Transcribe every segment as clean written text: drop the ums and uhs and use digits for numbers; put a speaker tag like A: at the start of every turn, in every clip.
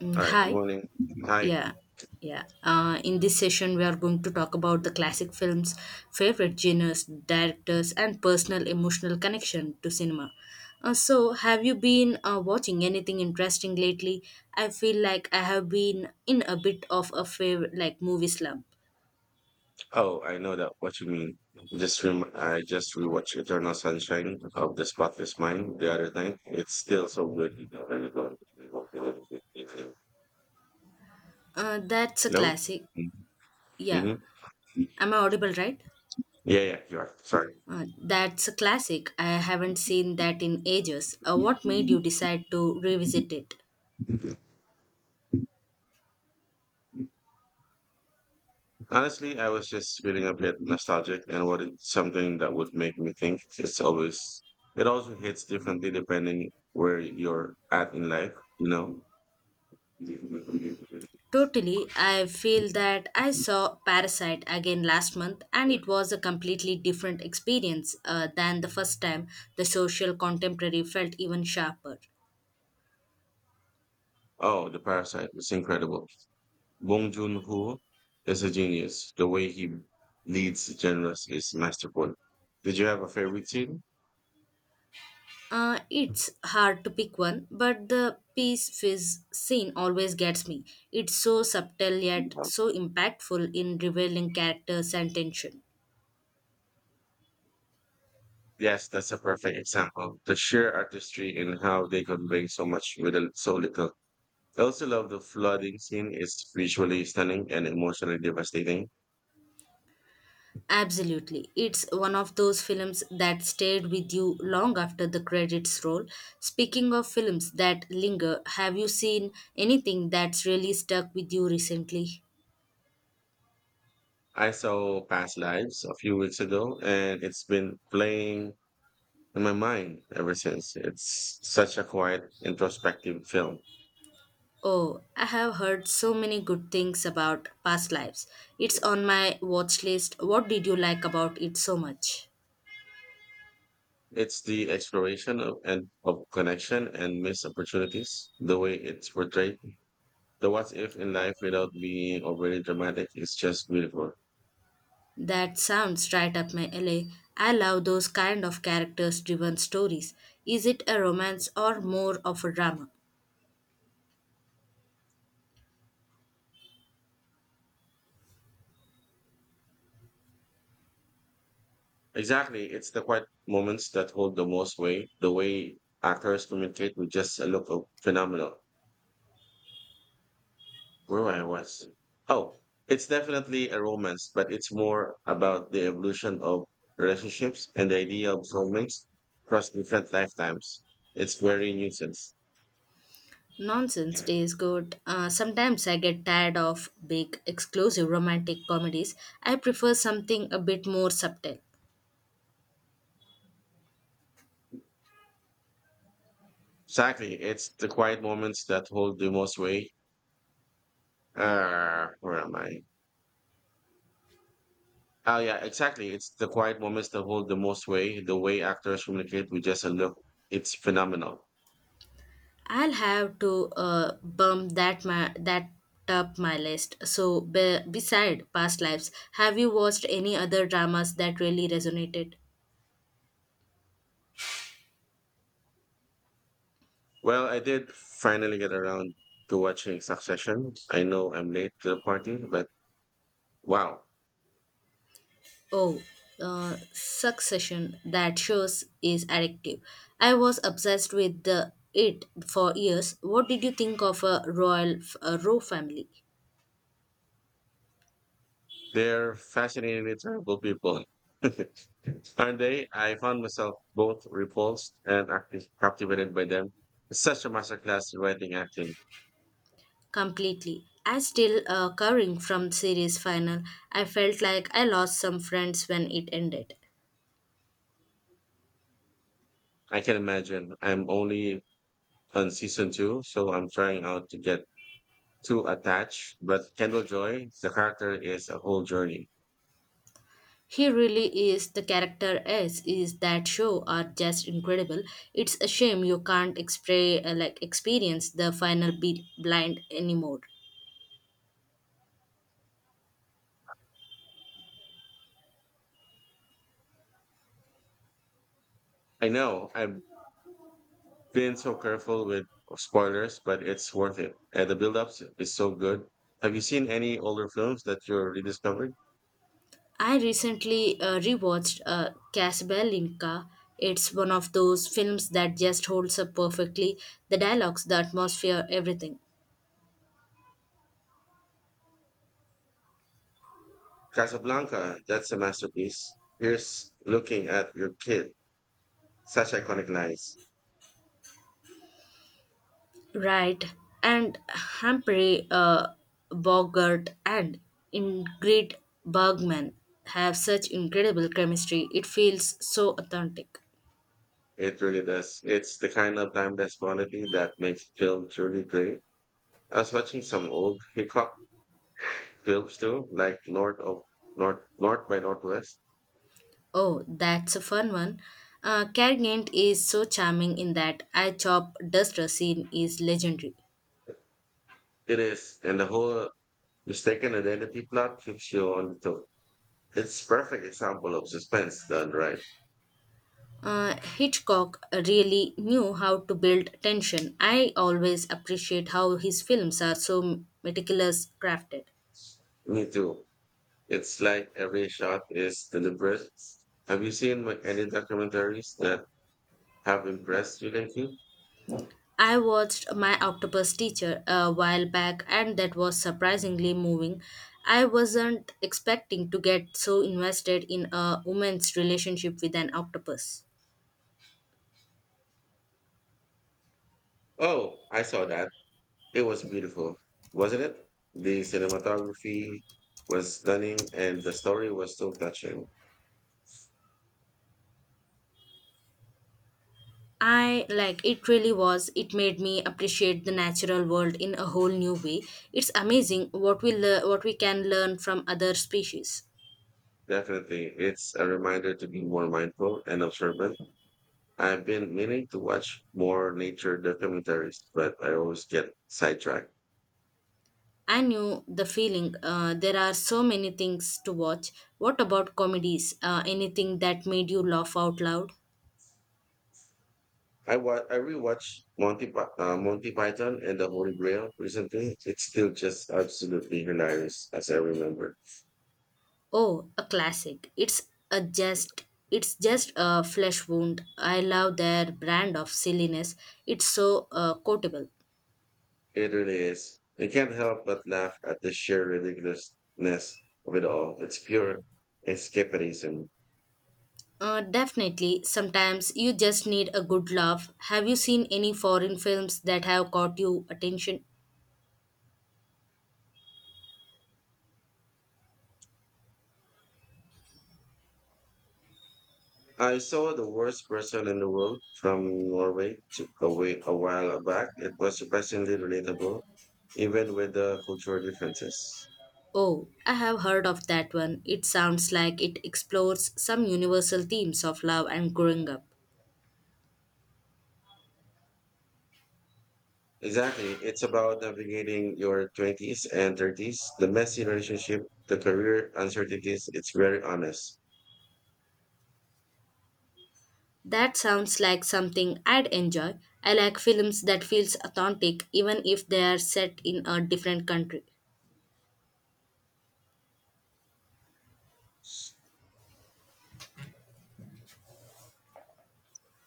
A: Mm,
B: All right, good
A: hi.
B: morning. Hi.
A: Yeah. Yeah. In this session, we are going to talk about the classic films, favorite genres, directors, and personal emotional connection to cinema. So, have you been watching anything interesting lately? I feel like I have been in a bit of a favorite, like movie slump.
B: Oh, I know that what you mean. I just rewatched Eternal Sunshine of the Spotless Mind the other night. It's still so good.
A: That's a
B: Hello?
A: classic. Yeah.
B: Mm-hmm.
A: Am I audible, right?
B: Yeah, yeah, you are. Sorry.
A: That's a classic. I haven't seen that in ages. What made you decide to revisit it?
B: Honestly, I was just feeling a bit nostalgic and wanted something that would make me think. It's always, it also hits differently depending where you're at in life, you know?
A: Totally, I feel that I saw Parasite again last month and it was a completely different experience than the first time. The social contemporary felt even sharper.
B: Oh, The Parasite was incredible. Bong Joon-ho is a genius. The way he leads the genres is masterful. Did you have a favorite scene?
A: It's hard to pick one, but the peace fizz scene always gets me. It's so subtle yet so impactful in revealing characters and tension.
B: Yes, that's a perfect example. The sheer artistry in how they convey so much so little. I also love the flooding scene. It's visually stunning and emotionally devastating.
A: Absolutely. It's one of those films that stayed with you long after the credits roll. Speaking of films that linger, have you seen anything that's really stuck with you recently?
B: I saw Past Lives a few weeks ago, and it's been playing in my mind ever since. It's such a quiet, introspective film.
A: Oh, I have heard so many good things about Past Lives. It's on my watch list. What did you like about it so much?
B: It's the exploration of, and of connection and missed opportunities. The way it's portrayed, the what if in life without being overly dramatic is just beautiful.
A: That sounds right up my alley. I love those kind of characters driven stories. Is it a romance or more of a drama?
B: Exactly, it's the quiet moments that hold the most weight. The way actors communicate with just a look of phenomenal. Where I was. Oh, it's definitely a romance, but it's more about the evolution of relationships and the idea of soulmates across different lifetimes. It's very nuisance.
A: Nonsense Days good. Sometimes I get tired of big, exclusive romantic comedies. I prefer something a bit more subtle.
B: Exactly. It's the quiet moments that hold the most weight. Where am I? Oh, yeah, exactly. It's the quiet moments that hold the most weight. The way actors communicate with just a look, it's phenomenal.
A: I'll have to bump that up my list. So, beside past lives, have you watched any other dramas that really resonated?
B: Well, I did finally get around to watching Succession. I know I'm late to the party, but wow,
A: Oh, Succession, that shows is addictive. I was obsessed with the it for years. What did you think of a royal family?
B: they're fascinatingly terrible people. Aren't they? I found myself both repulsed and captivated by them. It's such a masterclass in writing acting.
A: Completely. I still covering from series final. I felt like I lost some friends when it ended.
B: I can imagine. I'm only on season two, so I'm trying out to get too attached. But Kendall Joy, the character is a whole journey.
A: He really is the character S is that show are just incredible. It's a shame you can't experience the final blind anymore.
B: I know I've been so careful with spoilers, but it's worth it. And the build up is so good. Have you seen any older films that you're rediscovering?
A: I recently rewatched Casablanca. It's one of those films that just holds up perfectly the dialogues, the atmosphere, everything.
B: Casablanca, that's a masterpiece. Here's looking at your kid. Such iconic lines.
A: Right, and Humphrey Bogart and Ingrid Bergman have such incredible chemistry. It feels so authentic.
B: It really does. It's the kind of timeless quality that makes film truly great. I was watching some old Hickok films too, like North by Northwest.
A: Oh, that's a fun one. Cargant is so charming in that I Chop Duster scene is legendary.
B: It is, and the whole mistaken identity plot keeps you on to. It's perfect example of suspense done right.
A: Hitchcock really knew how to build tension. I always appreciate how his films are so meticulous crafted.
B: Me too. It's like every shot is deliberate. Have you seen like, any documentaries that have impressed you lately?
A: I watched My Octopus Teacher a while back and that was surprisingly moving. I wasn't expecting to get so invested in a woman's relationship with an octopus.
B: Oh, I saw that. It was beautiful, wasn't it? The cinematography was stunning, and the story was so touching.
A: I like it really was. It made me appreciate the natural world in a whole new way. It's amazing what we can learn from other species.
B: Definitely, it's a reminder to be more mindful and observant. I've been meaning to watch more nature documentaries, but I always get sidetracked.
A: I knew the feeling. There are so many things to watch. What about comedies? Anything that made you laugh out loud?
B: I rewatched Monty Python and the Holy Grail recently. It's still just absolutely hilarious, as I remember.
A: Oh, a classic. It's just a flesh wound. I love their brand of silliness. It's so quotable.
B: It really is. You can't help but laugh at the sheer ridiculousness of it all. It's pure escapism.
A: Definitely, sometimes you just need a good laugh. Have you seen any foreign films that have caught your attention?
B: I saw The Worst Person in the World from Norway a while back. It was surprisingly relatable, even with the cultural differences.
A: Oh, I have heard of that one. It sounds like it explores some universal themes of love and growing up.
B: Exactly. It's about navigating your 20s and 30s, the messy relationship, the career uncertainties. It's very honest.
A: That sounds like something I'd enjoy. I like films that feels authentic even if they are set in a different country.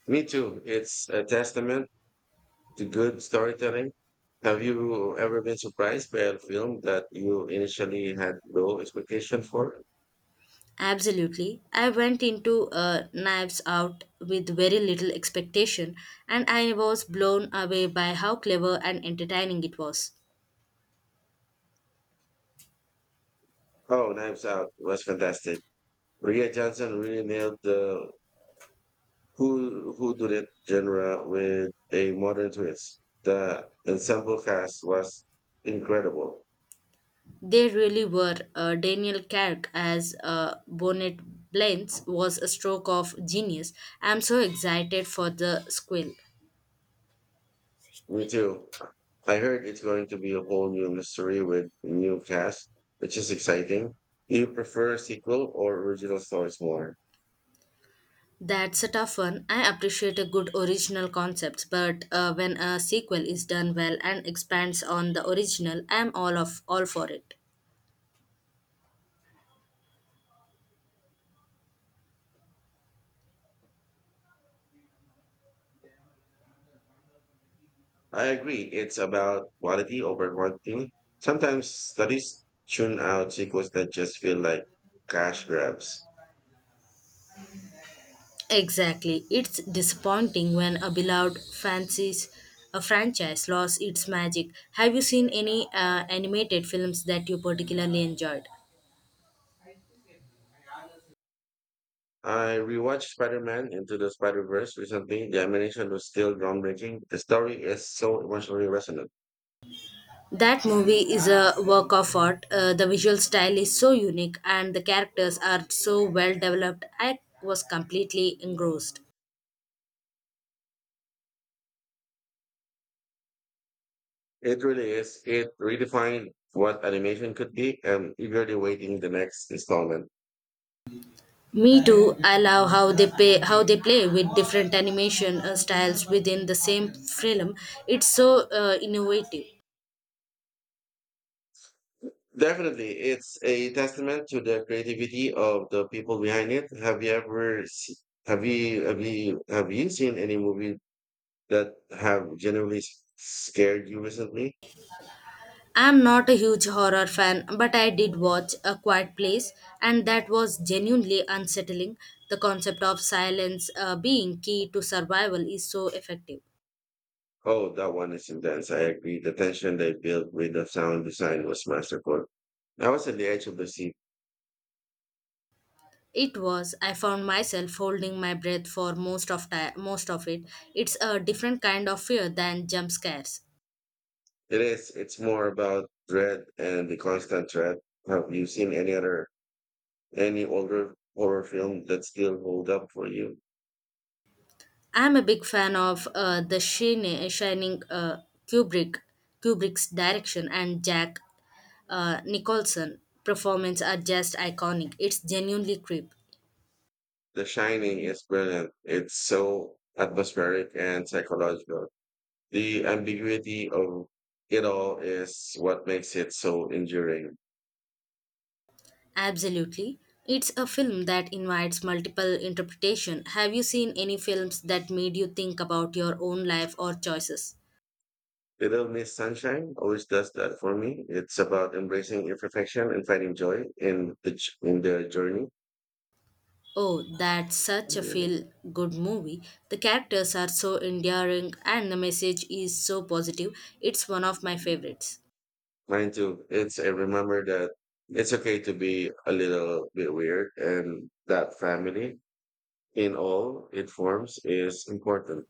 B: Me too. It's a testament to good storytelling. Have you ever been surprised by a film that you initially had low expectation for?
A: Absolutely. I went into Knives Out with very little expectation and I was blown away by how clever and entertaining it was.
B: Oh, Knives Out was fantastic. Ria Johnson really nailed the who did it genre with a modern twist. The ensemble cast was incredible.
A: They really were. Daniel Craig as Bonnet Blends was a stroke of genius. I'm so excited for the squeal.
B: Me too. I heard it's going to be a whole new mystery with new cast, which is exciting. Do you prefer sequel or original stories more?
A: That's a tough one. I appreciate a good original concepts, but when a sequel is done well and expands on the original, I'm all for it.
B: I agree. It's about quality over quantity. Sometimes studies tune out sequels that just feel like cash grabs.
A: Exactly. It's disappointing when a beloved fancies a franchise lost its magic. Have you seen any animated films that you particularly enjoyed?
B: I rewatched Spider-Man Into the Spider-Verse recently. The animation was still groundbreaking. The story is so emotionally resonant.
A: That movie is a work of art. The visual style is so unique and the characters are so well developed. I was completely engrossed.
B: It really is. It redefined what animation could be and eagerly waiting the next installment.
A: Me too. I love how they play with different animation styles within the same film. It's so innovative.
B: Definitely, it's a testament to the creativity of the people behind it. Have you ever se- have you have you have you seen any movie that have genuinely scared you recently?
A: I'm not a huge horror fan, but I did watch A Quiet Place, and that was genuinely unsettling. The concept of silence being key to survival is so effective.
B: Oh, that one is intense. I agree. The tension they built with the sound design was masterful. I was at the edge of the seat.
A: It was. I found myself holding my breath for most of it. It's a different kind of fear than jump scares.
B: It is. It's more about dread and the constant threat. Have you seen any other, any older horror film that still hold up for you?
A: I'm a big fan of Shining Kubrick, Kubrick's direction and Jack Nicholson performance are just iconic. It's genuinely creep.
B: The Shining is brilliant. It's so atmospheric and psychological. The ambiguity of it all is what makes it so enduring.
A: Absolutely. It's a film that invites multiple interpretation. Have you seen any films that made you think about your own life or choices?
B: Little Miss Sunshine always does that for me. It's about embracing imperfection and finding joy in the journey.
A: Oh, that's such a
B: Mm,
A: feel good movie. The characters are so endearing and the message is so positive. It's one of my favorites.
B: mine too. It's a remember that it's okay to be a little bit weird, and that family in all its forms is important.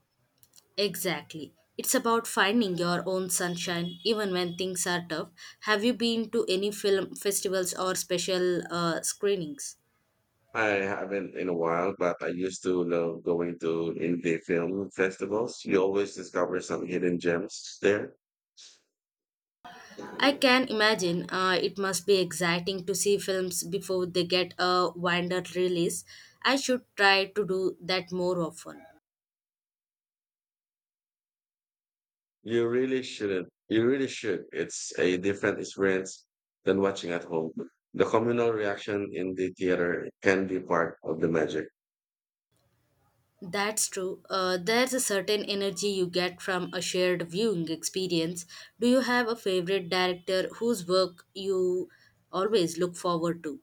A: Exactly. It's about finding your own sunshine even when things are tough. Have you been to any film festivals or special screenings?
B: I haven't in a while, but I used to love going to indie film festivals. You always discover some hidden gems
A: I
B: there.
A: can imagine it must be exciting to see films before they get a wider release. I should try to do that more often.
B: You really shouldn't. You really should. It's a different experience than watching at home. The communal reaction in the theater can be part of the magic.
A: That's true. There's a certain energy you get from a shared viewing experience. Do you have a favorite director whose work you always look forward to?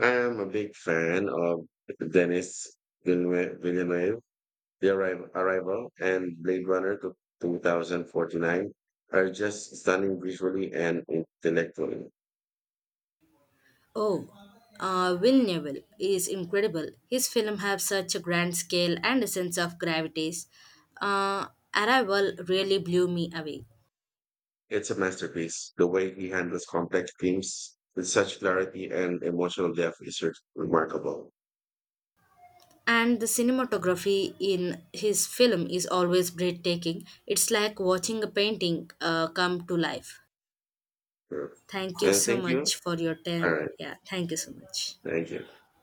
B: I'm a big fan of Denis Villeneuve. Arrival and Blade Runner to 2049 are just stunning visually and intellectually.
A: Oh, Will Neville is incredible. His films have such a grand scale and a sense of gravities. Uh, Arrival really blew me away.
B: It's a masterpiece. The way he handles complex themes with such clarity and emotional depth is remarkable.
A: And the cinematography in his film is always breathtaking. It's like watching a painting come to life.
B: Sure.
A: Thank you so
B: Thank you.
A: much for your
B: All
A: time.
B: right.
A: Yeah, thank you so much.
B: Thank you.